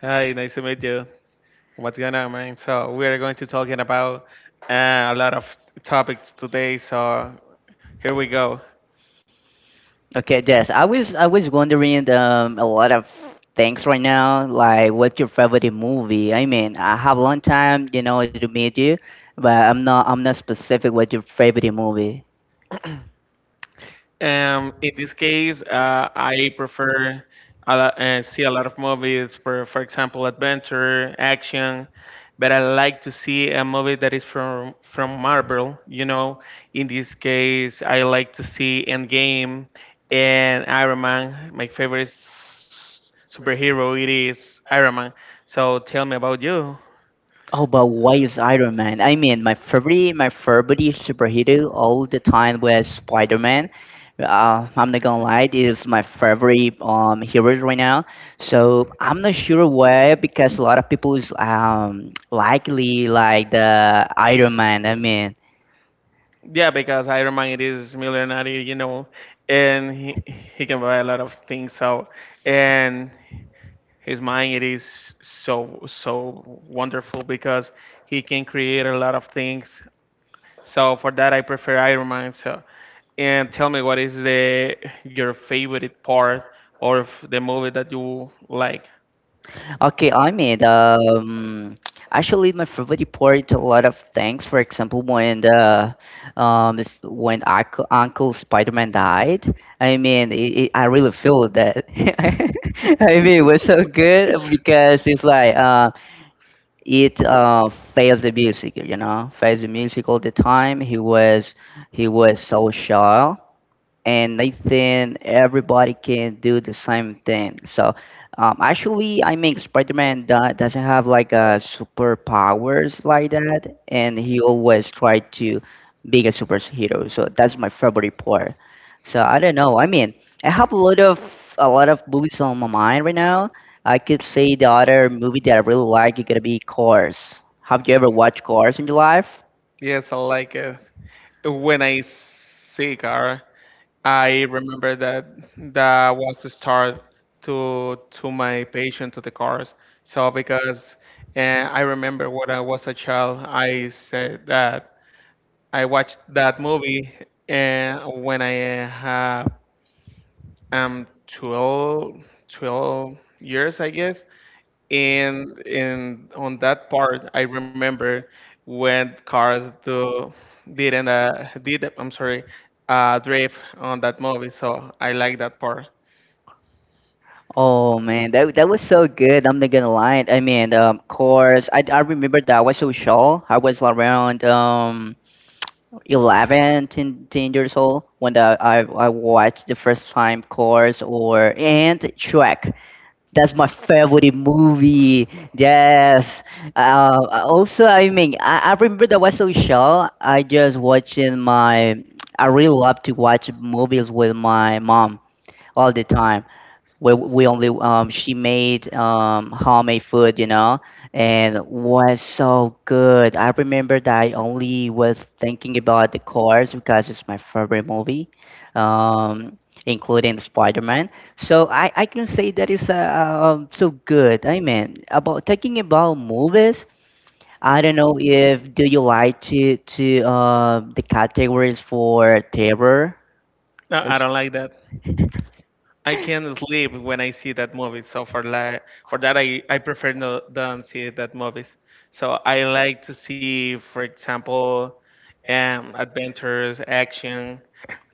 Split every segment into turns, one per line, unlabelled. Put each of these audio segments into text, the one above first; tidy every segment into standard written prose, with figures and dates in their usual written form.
Hi, nice to meet you. What's going on, man? So we are going to talking about a lot of topics today. So here we go. In this case, I prefer a lot, see a lot of movies for example, adventure, action, but I like to see a movie that is from Marvel. You know, in this case, I like to see Endgame and Iron Man. My favorite superhero it is Iron Man. So tell me about you. Yeah, because Iron Man it is millionaire, you know, and he can buy a lot of things. So and his mind it is so so wonderful because he can create a lot of things, so for that I prefer Iron Man. So and tell me, what is the your favorite part of the movie that you like? Yes, I like it when I see Kara. I remember that that was the start to my passion to the cars. So because I remember when I was a child, I said that I watched that movie when I have 12, 12 years, I guess. And on that part I remember when cars do didn't, did I'm sorry, drift on that movie, so I like that part. No, I don't like that. I can't sleep when I see that movie. So for that, I prefer no don't see that movies. So I like to see, for example, adventures, action.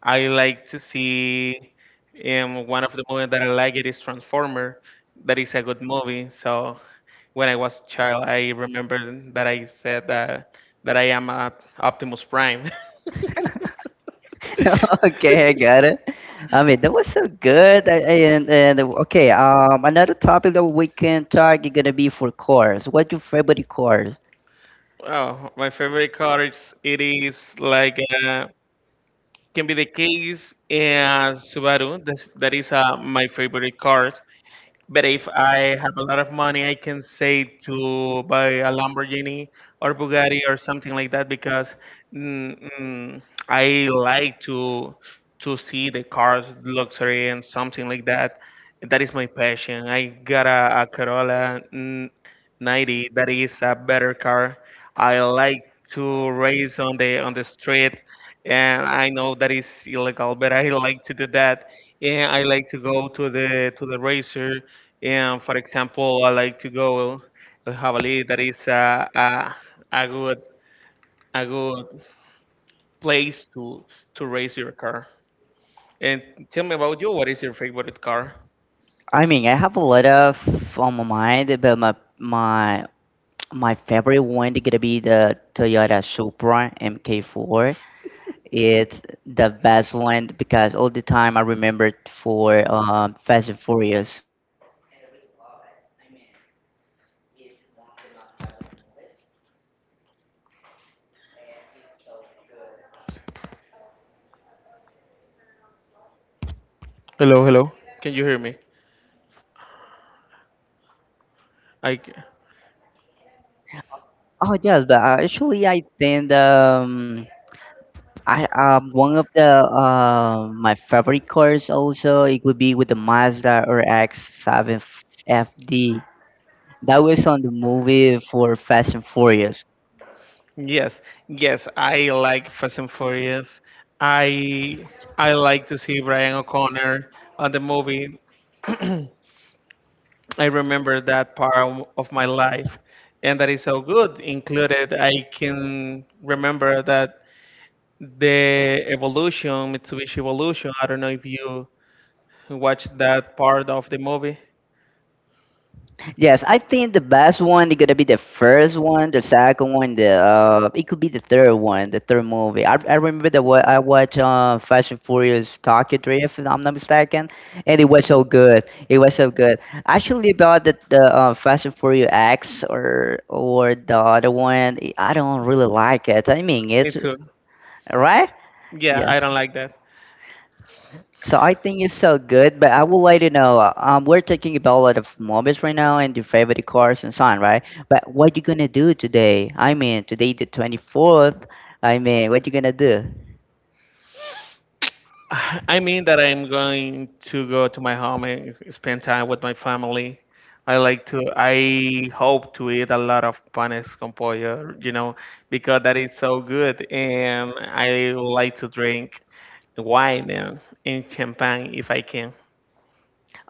I like to see one of the movies that I like it is Transformer. That is a good movie. So when I was child, I remember that I said that that I am a Optimus Prime. Oh, my favorite car is it is like, uh, can be the case, Subaru. That is my favorite car. But if I have a lot of money, I can save to buy a Lamborghini or Bugatti or something like that because mm, mm, I like to see the cars, luxury and something like that. That is my passion. I got a Corolla 90, that is a better car. I like to race on the street, and I know that is illegal, but I like to do that. And I like to go to the racer, and for example, I like to go to Javali. That is a good a good place to race your car. And tell me about you. What is your favorite car? Hello, hello. Can you hear me? I c-
Oh yes, but actually I think I one of the my favorite cars also it would be with the Mazda RX-7 FD. That was on the movie for Fast and Furious.
yes, yes. I like Fast and Furious. I I like to see Brian O'Connor on the movie. I remember that part of my life, and that is so good. Included, I can remember that the evolution Mitsubishi Evolution. I don't know if you watched that part of the movie.
Yes, I think the best one is gonna be the first one, the second one, the it could be the third one, the third movie. I remember that I watched Fast and Furious Tokyo Drift, if I'm not mistaken, and it was so good. It was so good. Actually, about the Fast and Furious X or the other one, I don't really like it. I mean,
Me
it's
too.
right.
Yeah,
Yes.
I don't like that.
So I think it's so good, but I would like to know. We're talking about a lot of movies right now and your favorite cars and so on, right? But what you gonna do today? I mean, today the 24th. I mean, what you gonna do?
I mean that I'm going to go to my home and spend time with my family. I hope to eat a lot of panes con pollo, you know, because that is so good. And I like to drink wine and champagne if I can.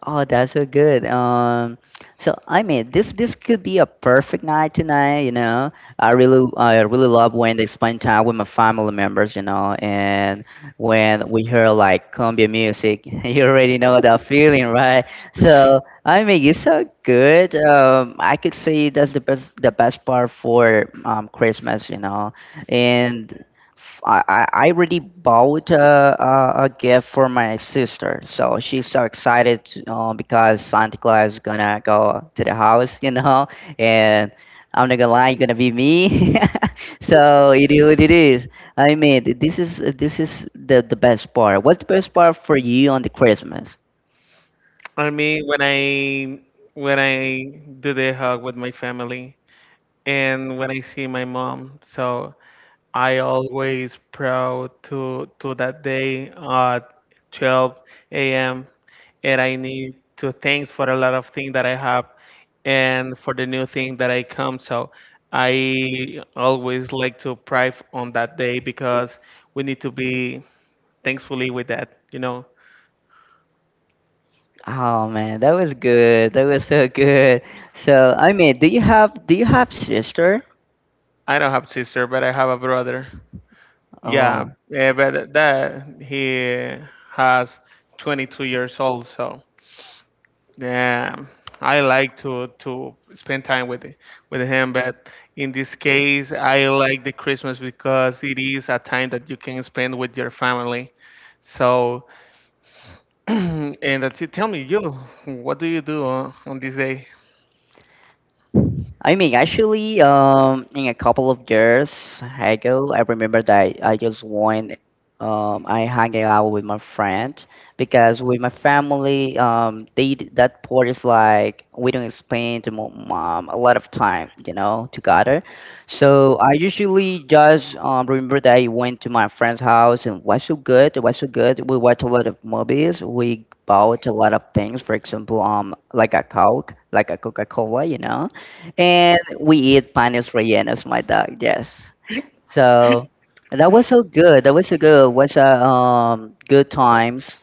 Oh, that's so good. So I mean, this could be a perfect night tonight. You know, I really love when they spend time with my family members. You know, and when we hear like cumbia music, you already know that feeling, right? So I mean, it's so good. I could say that's the best part for Christmas. You know, and I already bought a gift for my sister, so she's so excited because Santa Claus is gonna go to the house, you know, and I'm not gonna lie, it's gonna be me. So it is what it is. I mean, this is the best part. What's the best part for you on the Christmas?
I mean, when I do the hug with my family, and when I see my mom, so I always proud to that day at 12 a.m. And I need to thanks for a lot of things that I have, and for the new thing that I come. So I always like to pray on that day because we need to be thankfully with that. You know,
Oh man, that was good. That was so good. So I mean, do you have sister?
I don't have sister, but I have a brother. Yeah,
Oh.
eh, but that he has 22 years old. So yeah, I like to spend time with with him, but in this case, I like the Christmas because it is a time that you can spend with your family. So, and that's it. Tell me, you, what do you do on this day?
I mean, actually, in a couple of years ago, I remember that I just went, I hang out with my friend because with my family, that part is like we don't a lot of time, you know, together. So I usually just remember that I went to my friend's house and was so good. It was so good. We watched a lot of movies. We bought a lot of things, for example, like a Coke, like a Coca-Cola, you know. And we eat panes rellenos, my dog. Yes. So that was so good. That was so good. Was good times.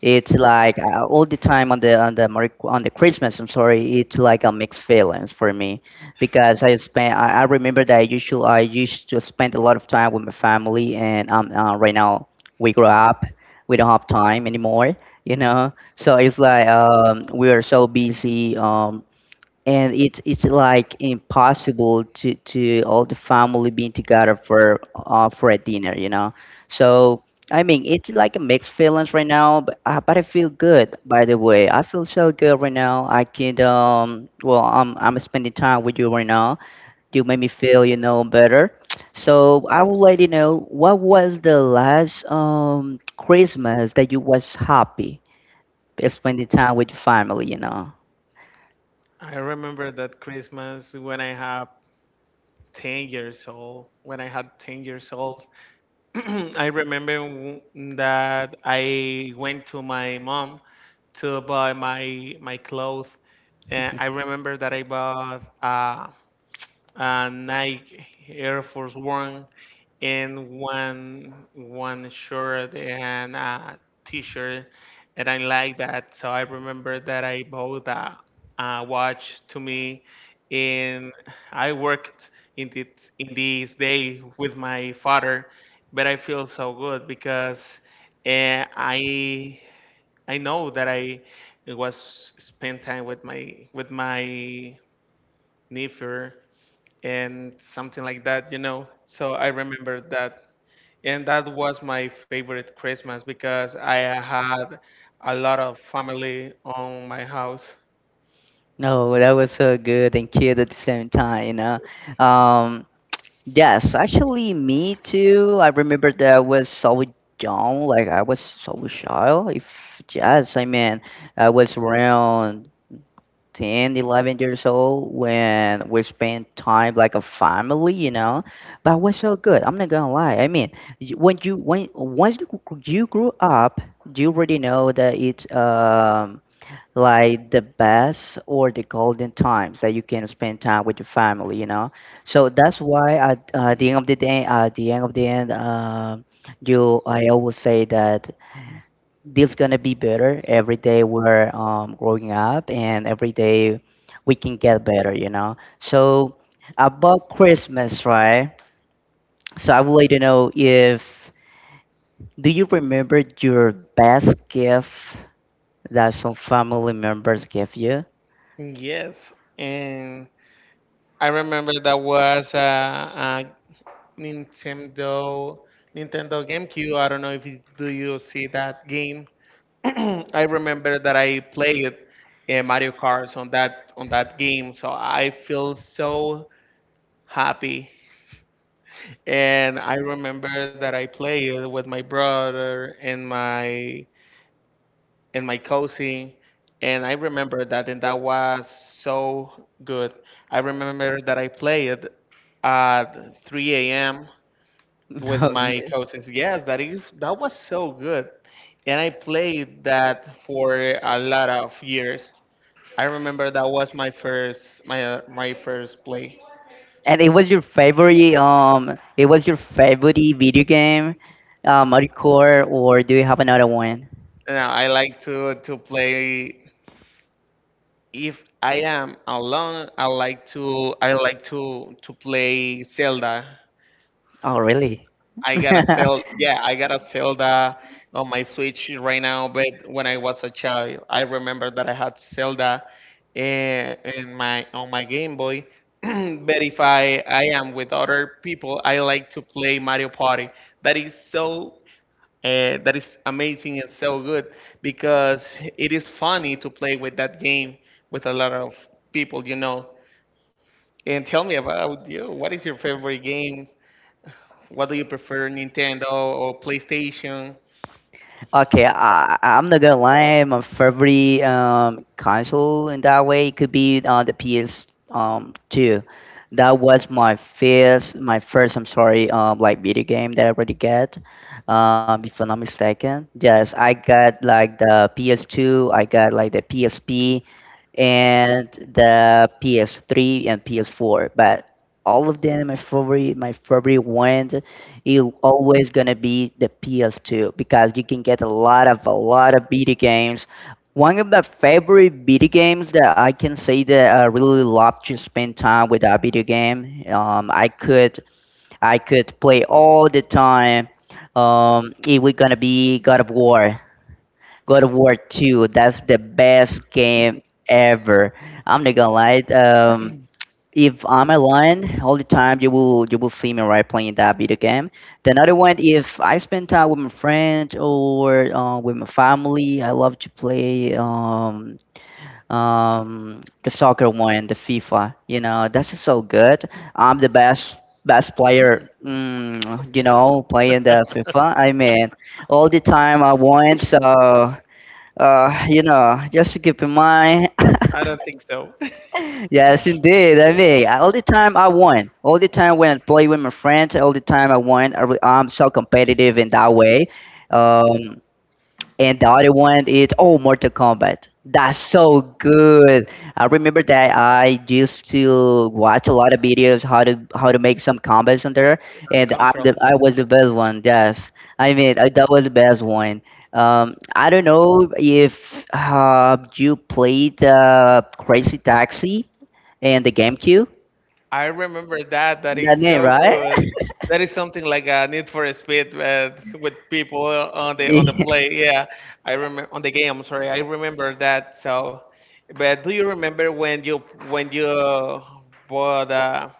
It's like all the time on the Christmas. I'm sorry. It's like a mixed feelings for me because I spent. I remember that I used to spend a lot of time with my family, and right now we grow up. We don't have time anymore. You know. So it's like we are so busy. And it's like impossible to all the family being together for a dinner, you know. So I mean, it's like a mixed feelings right now, but I feel good, by the way. I feel so good right now. I can I'm spending time with you right now. You made me feel, better. So I will let you know what was the last Christmas that you was happy spending time with your family, you know.
I remember that Christmas when I have 10 years old. When I had 10 years old, I remember w- that I went to my mom to buy my clothes. And I remember that I bought, a Nike Air Force One and one shirt and a T-shirt, and I like that. So I remember that I bought a watch to me, and I worked in this day with my father, but I feel so good because. And I know that I was spend time with my nephew and something like that, you know. So I remember that, and that was my favorite Christmas because I had a lot of family on my house.
No, that was so good and cute at the same time, you know. Um, yes, actually, me too. I remember that I was so young, like I was so child. If yes, I mean, I was around 10, 11 years old when we spent time like a family, you know. But it was so good. I'm not gonna lie. I mean, y- when you when once you grew up, you already know that it's like the best or the golden times that you can spend time with your family, you know. So that's why at the end of the day, at the end of the end you I always say that this gonna be better every day. We're growing up, and every day we can get better, you know. So about Christmas, right? So I would like to know if do you remember your best gift that some family members gave you.
Yes, and I remember that was a Nintendo Nintendo GameCube. I don't know if you, do you see that game? I remember that I played Mario Kart on that game, so I feel so happy. And I remember that I played with my brother and my cousin, and I remember that, and that was so good. I remember that I played at 3 a.m. with
Oh
my
yes.
cousins. Yes, that is that was so good, and I played that for a lot of years. I remember that was my first my first play.
And it was your favorite video game, Mario Kart, or do you have another one?
Now I like to play if I am alone. I like to play Zelda.
Oh really?
I got a Zelda. Yeah, I got a Zelda on my Switch right now. But when I was a child, I remember that I had Zelda in my on my Game Boy. But if I am with other people, I like to play Mario Party. That is so uh, that is amazing and so good because it is funny to play with that game with a lot of people, you know. And tell me about you. What is your favorite game? What do you prefer, Nintendo or PlayStation?
Okay, I'm not gonna lie. My favorite console in that way could be the PS two. That was my first. I'm sorry, like video game that I already get. If I'm not mistaken, yes, I got like the PS two. I got like the PSP, and the PS three and PS four. But all of them, my favorite one it's always gonna be the PS2 because you can get a lot of video games. One of the favorite video games that I can say that I really love to spend time with a video game. I could play all the time. It was gonna be God of War. God of War 2. That's the best game ever. I'm not gonna lie. If I'm online all the time, you will see me right playing that video game. The another one, if I spend time with my friends or with my family, I love to play the soccer one, the FIFA. You know, that's just so good. I'm the best player. You know, playing the FIFA. I mean, all the time I want. So, you know, just to keep in mind.
I don't think so.
Yes, indeed. I mean, all the time I won. All the time when I play with my friends, all the time I won. I'm so competitive in that way. Um, and the other one is Mortal Kombat. That's so good. I remember that I used to watch a lot of videos how to make some combos on there,
The
and
control.
I was the best one. Yes, I mean that was the best one. I don't know if you played Crazy Taxi and the GameCube.
I remember that. That
That
is
name,
so
right?
good. That is something like a Need for Speed, with people on the play. Yeah, I remember on the game. I'm sorry, I remember that. So, but do you remember when you bought a,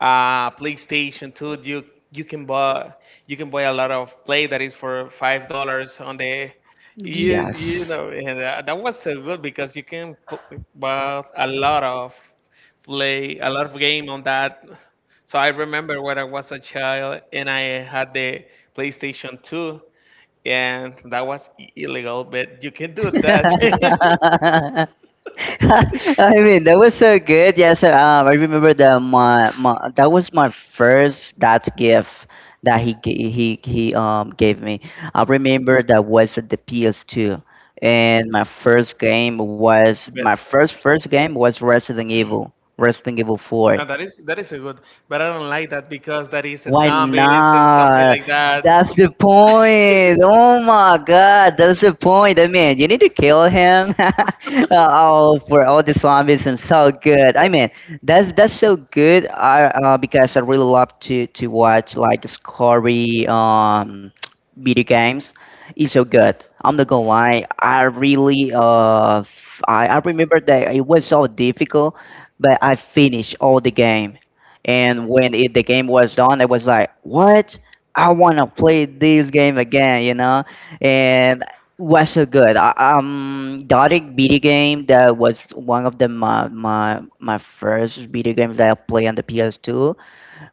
PlayStation 2? You you can buy you can buy a lot of play that is for $5 on the
Yeah.
you you
Yes.
know. And that was so good because you can buy a lot of play a lot of game on that. So I remember when I was a child and I had the PlayStation 2, and that was illegal, but you can do that.
I mean, that was so good. Yes, sir. I remember that my that was my first dad's gift that he ga- he gave me. I remember that was the PS2, and my first game was
But.
my first first game was Resident Evil, Resident Evil 4.
That is a good, but I don't like that because that is a
Why
zombies and something
not?
like that.
That's the point. Oh my god, that's the point. I mean, you need to kill him. Oh, for all the zombies and so good. I mean, that's so good. I Because I really love to watch like scary video games. It's so good. I'm not gonna lie. I really f- I remember that it was so difficult, but I finished all the game. And when the game was done, I was like, "What? I want to play this game again," you know. And was so good. Dotted video game that was one of the my my my first video games that I played on the PS2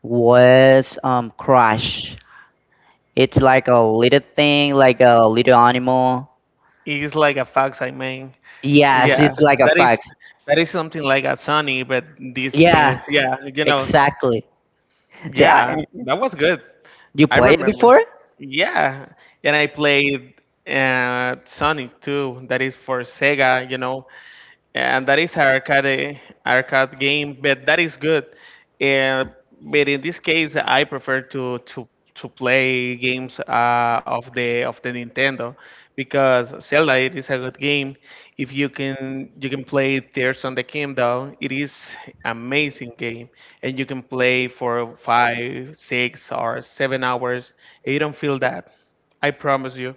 was Crash. It's like a little thing, like a little animal.
It's like a fox, I mean.
Yes,
Yeah,
it's like a
that is
fox.
that is something like a Sunny, but
Yeah,
yeah, you know,
exactly. The,
yeah,
I,
that was good.
you
I
played it
remember.
before?
Yeah, and I played Sonic too. That is for Sega, you know. And that is arcade game, but that is good. And but in this case, I prefer to play games of the Nintendo because Zelda it is a good game. If you can play Tears on the Kingdom, it is amazing game, and you can play for five, 6, or 7 hours. And you don't feel that. I promise you.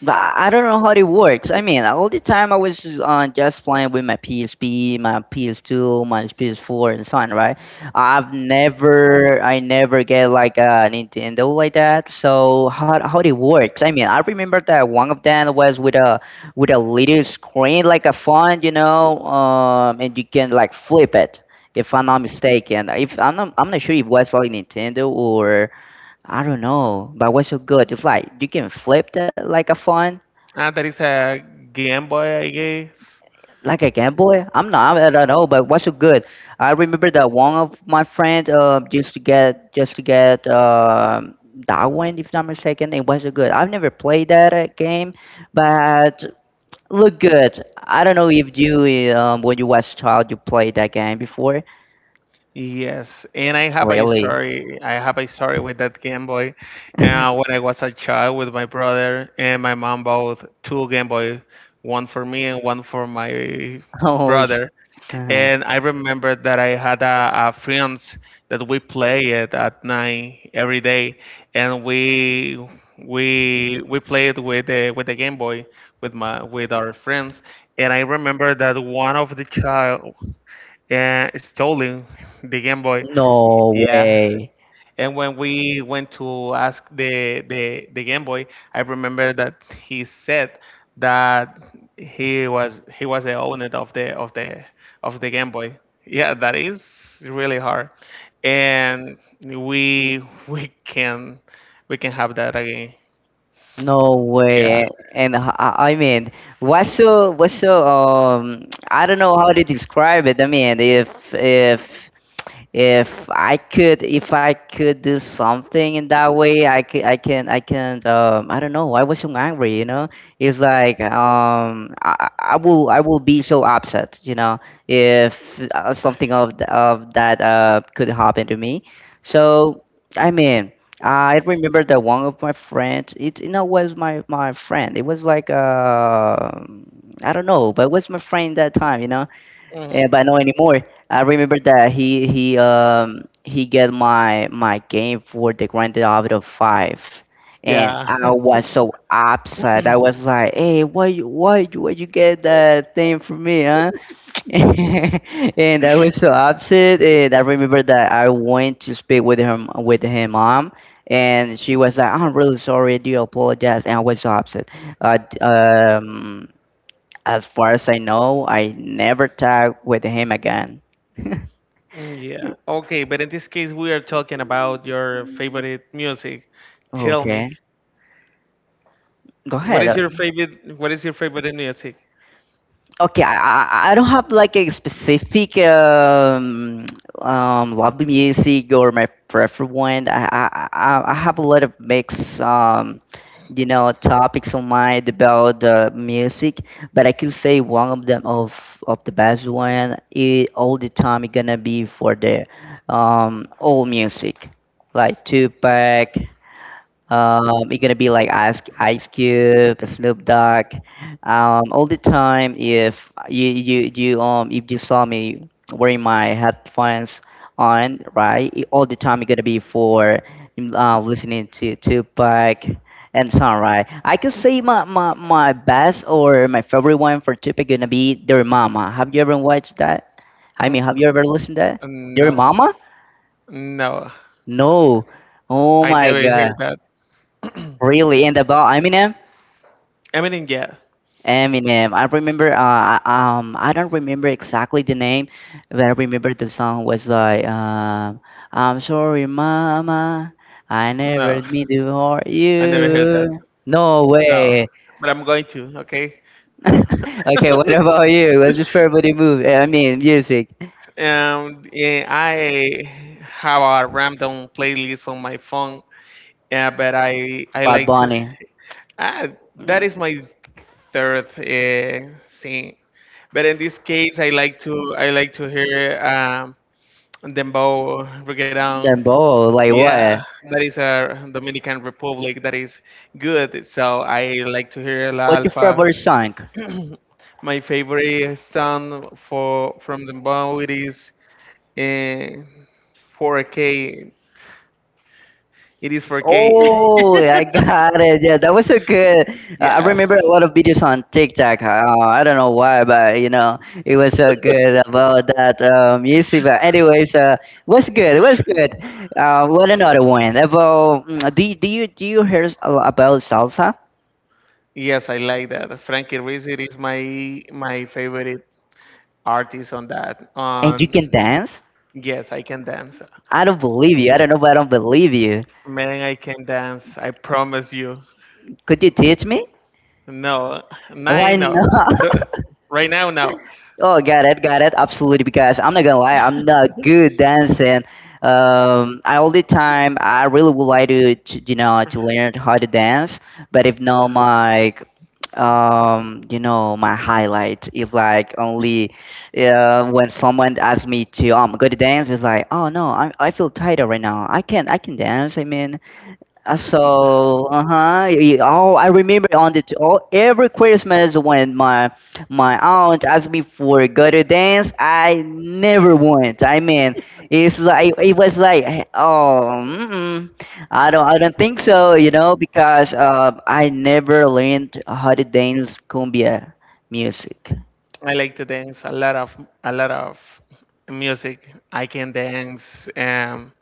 But I don't know how it works. I mean, all the time I was just playing with my PSP, my PS2, my PS4, and so on, right? I never get like a Nintendo like that. So how it works? I mean, I remember that one of them was with a little screen like a phone, and you can like flip it. If I'm not mistaken, if I'm not, I'm not sure if it was like Nintendo or I don't know, but it was so good? It's like you can flip that like a phone
That is a Game Boy, I guess.
like a Game Boy? I'm not. I don't know, but what's so good? I remember that one of my friends used to get that one, if not mistaken. It was so good. I've never played that game, but look good. I don't know if you when you was a child you played that game before.
Yes, and I have a
Really?
story. I have a story with that Game Boy. When I was a child with my brother and my mom bought two Game Boy, one for me and one for my
Oh.
brother.
Uh-huh.
And I remember that I had a friends that we play it at night every day, and we played with the Game Boy with my with our friends. And I remember that one of the child, stolen the Game Boy.
No
Yeah,
way.
and when we went to ask the Game Boy, I remember that he said that he was the owner of the of the Game Boy. Yeah, that is really hard, and we we can we can have that again.
No
Yeah.
way. I mean, what's so I don't know how to describe it. I mean, if I could do something in that way, I can I don't know, I was so angry. It's like I will be so upset if something of that could happen to me so I mean I remember that one of my friends it you know was my friend. It was like I don't know, but it was my friend that time. Yeah,
Mhm.
but not anymore. I remember that he get my game for the Grand Theft Auto Five, and
Yeah.
I was so upset. I was like, "Hey, why you get that thing for me, huh?" and I was so upset. And I remember that I went to speak with him, with her mom, and she was like, "I'm really sorry. Do you apologize?" And I was so upset. Uh, d- um, as far as I know, I never talk with him again.
Yeah. Okay, but in this case, we are talking about your favorite music. Tell me,
Okay. Go
what
ahead.
is your favorite? What is your favorite music?
Okay, I don't have like a specific lovely music or my preferred one. I have a lot of mix, topics on mind about music, but I can say one of them, of the best one I all the time is gonna be for the old music, like Tupac. It's gonna be like Ice Cube, Snoop Dogg, all the time. If you you you if you saw me wearing my headphones on, right, all the time it's gonna be for listening to Tupac and song, right? I could say my best or my favorite one for Tupac gonna be Dear Mama. Have you ever watched that? I
Mm,
mean, have you ever listened to that? Dear
no,
Mama?
no,
No. Oh
I
my
never
God.
hear that.
Really? And about Eminem?
Eminem, yeah.
Eminem. I remember. I don't remember exactly the name, but I remember the song was like, "I'm sorry, Mama, I never
No,
meant to hurt
I never heard that.
you." No
No,
way.
but I'm going to. Okay.
okay, what about you? What's your favorite movie? I mean, music.
Yeah, I have a random playlist on my phone. Yeah, but I
Bad
like to.
Bunny.
Ah,
Mm,
that is my third thing. But in this case, I like to hear dembow, reggaeton.
Them both. Like
Yeah,
what?
that is our Dominican Republic. That is good. So I like to hear La
What's your
Alfa.
favorite song?
My favorite song for from the band is uh, 4K. It is 4K.
Oh, I got it. Yeah, that was so good. I
Yes.
remember a lot of videos on TikTok. I don't know why, but it was so good about that music. But anyways, was good. It was good. What another one about? Do you hear a lot about salsa?
Yes, I like that. Frankie Ruiz it is my favorite artist on that.
And you
On
can dance?
yes, I Can Dance.
I don't believe you. I don't know, but I don't believe you.
Man, I Can Dance. I promise you.
Could you teach me?
No,
Why
nine, no.
not?
T- Right now, no.
Oh, got it, got it. Absolutely, because I'm not gonna lie, I'm not good dancing. I all the time, I really would like to you know to learn how to dance, but if not, my highlight is like only when someone asks me to go to dance, it's like oh no, I feel tired right now. I can dance. I mean,
I
so, uh-huh. Oh, I remember on every Christmas when my aunt asked me for a gutter dance, I never went. I mean, it was like mm-mm. I don't think so, because I never learned how to dance cumbia music.
like to dance a lot of music. I can dance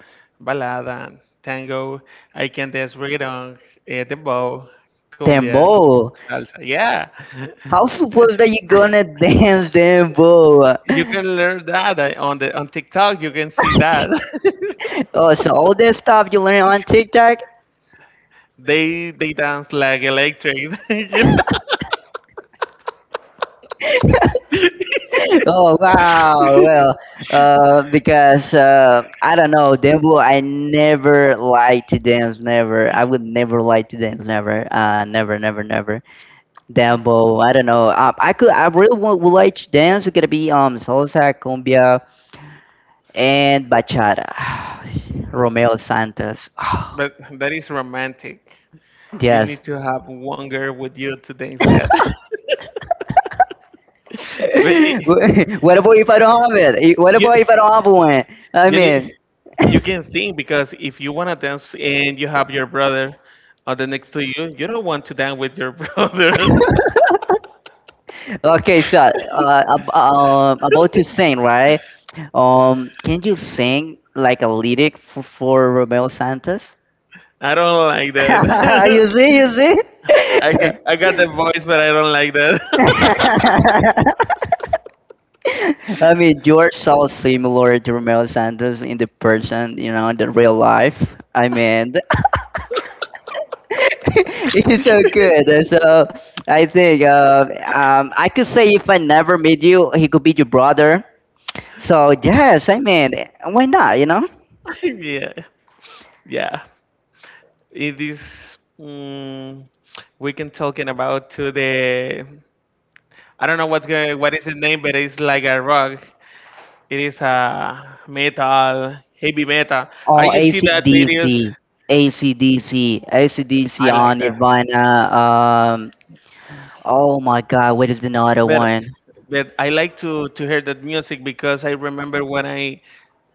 balada, tango. I can dance reggaeton, eh, dembow, cumbia,
Dembow.
salsa. Yeah,
How suppose that you gonna dance dembow?
you can learn that on the on TikTok. You can see that
Oh, so all this stuff you learn on TikTok,
they dance like electric. You know?
oh wow! Well, because I don't know, Dembo. I never like to dance. Never. I would never like to dance. Never. Never. Never. Never. Dembo. I don't know. I could. I really would like to dance. It's gonna be salsa, cumbia, and bachata. Romeo Santos.
But that is romantic. You
yes.
need to have one girl with you to dance that. But
what about if I don't have it? What
you
about if I don't have one? I
you
mean,
need you can think because if you wanna dance and you have your brother, the next to you, you don't want to dance with your brother.
okay, so about to sing, right? Can you sing like a lyric for Romeo Santos?
I don't like
you
that.
see, you see.
I got the voice, but I don't like that.
I mean, you're so similar to Romeo Santos in the person, you know, in the real life. I mean, it's so good. So I think I could say if I never meet you, he could be your brother. So yes, I mean, why not?
Yeah, yeah. It is. Mm, we can talking about to the. I don't know what's going. What is the name? But it's like a rock. It is a metal, heavy metal. I
Oh,
you see that videos?
ACDC, ACDC, ACDC
I like
on
that.
Nirvana. Oh my God, what is the other
But
one?
but I like to hear that music because I remember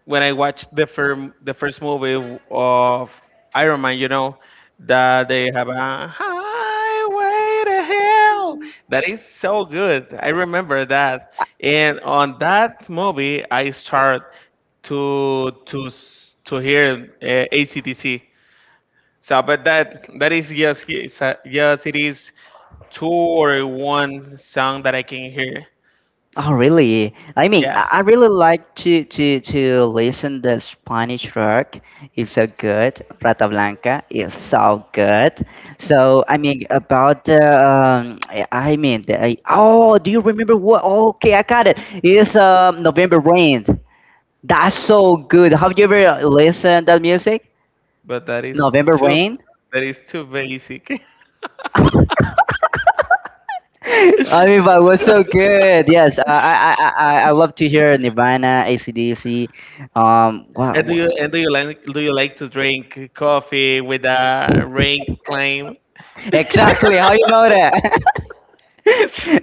when I watched the first movie of Iron Man, you know, that they have a highway to hell. That is so good. I remember that. And on that movie I start to to s- to hear ACDC. So, but that that is yes, yes, yes, it is two or one song that I can hear.
Oh, really? I mean,
Yeah,
I really like to listen the Spanish rock. It's so good. Rata Blanca is so good. So I mean, about the I mean, the, I- oh, do you remember what? Okay, I got it. It's November Rain. That's so good. Have you ever listened that music?
but
November
too
Rain.
that is too basic.
I mean, but it was so good. Yes, I love to hear Nirvana, ACDC. Wow,
And
wow.
do you like to drink coffee with a rain claim?
Exactly. How you know that?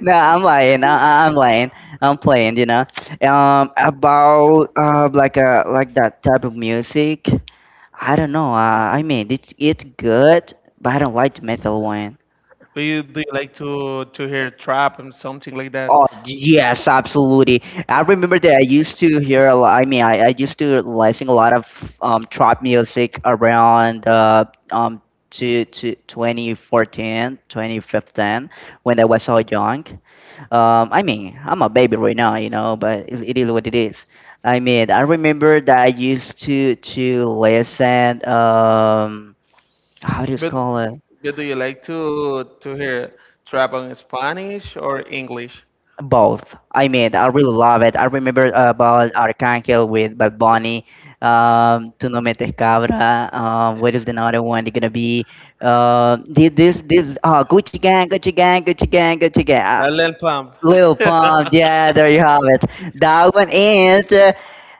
no, I'm lying. I'm lying. I'm playing. You know, about like a that type of music. I don't know. I mean, it's good, but I don't like the metal one.
Do you like to hear trap and something like that?
Oh yes, absolutely. I remember that I used to hear a lot. I mean, I used to listen a lot of trap music around um to 2014, 2015, when I was so young. I mean, I'm a baby right now, you know, but it is what it is. I mean, I remember that I used to listen. How do you
But
call it?
but do you like to hear trap in Spanish or English?
Both. I mean, I really love it. I remember about Arcángel with Bad Bunny, Tu No Metes Cabra. What is the other one it's gonna be? This Gucci Gang, Gucci Gang, Gucci Gang, Gucci Gang.
A little pump.
Lil Pump. Yeah, there you have it. That one and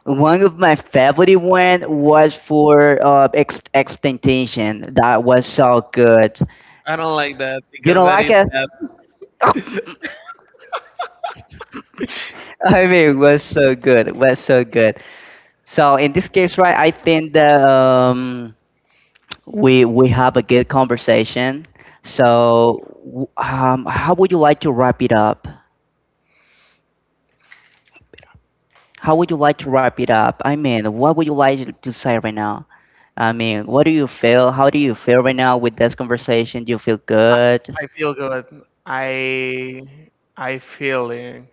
one of my favorite one was for Ex Extinction. That was so good.
I don't like that
You
because
don't
that
like
is
it?
sad.
I mean, it was so good. It was so good. So in this case, right, I think that we have a good conversation. So how would you like to wrap it up? How would you like to wrap it up? I mean, what would you like to say right now? I mean, what do you feel? How do you feel right now with this conversation? Do you feel
I,
good?
I feel good. I I feeling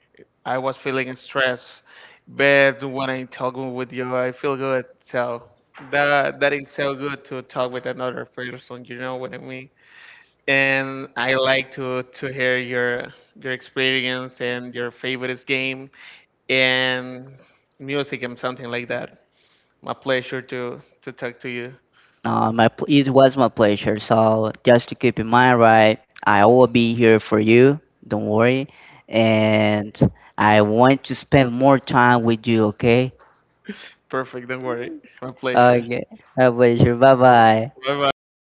I was feeling stress, but when I talking with you, I feel good. So that that is so good to talk with another person. You know what I mean. And I like to hear your experience and your favorite game and music and something like that. My pleasure to talk to you.
It was my pleasure. So just to keep in mind, right, I will be here for you. Don't worry, and I want to spend more time with you. Okay.
Perfect. Don't worry. My pleasure.
Okay. My pleasure. Bye bye.
Bye bye.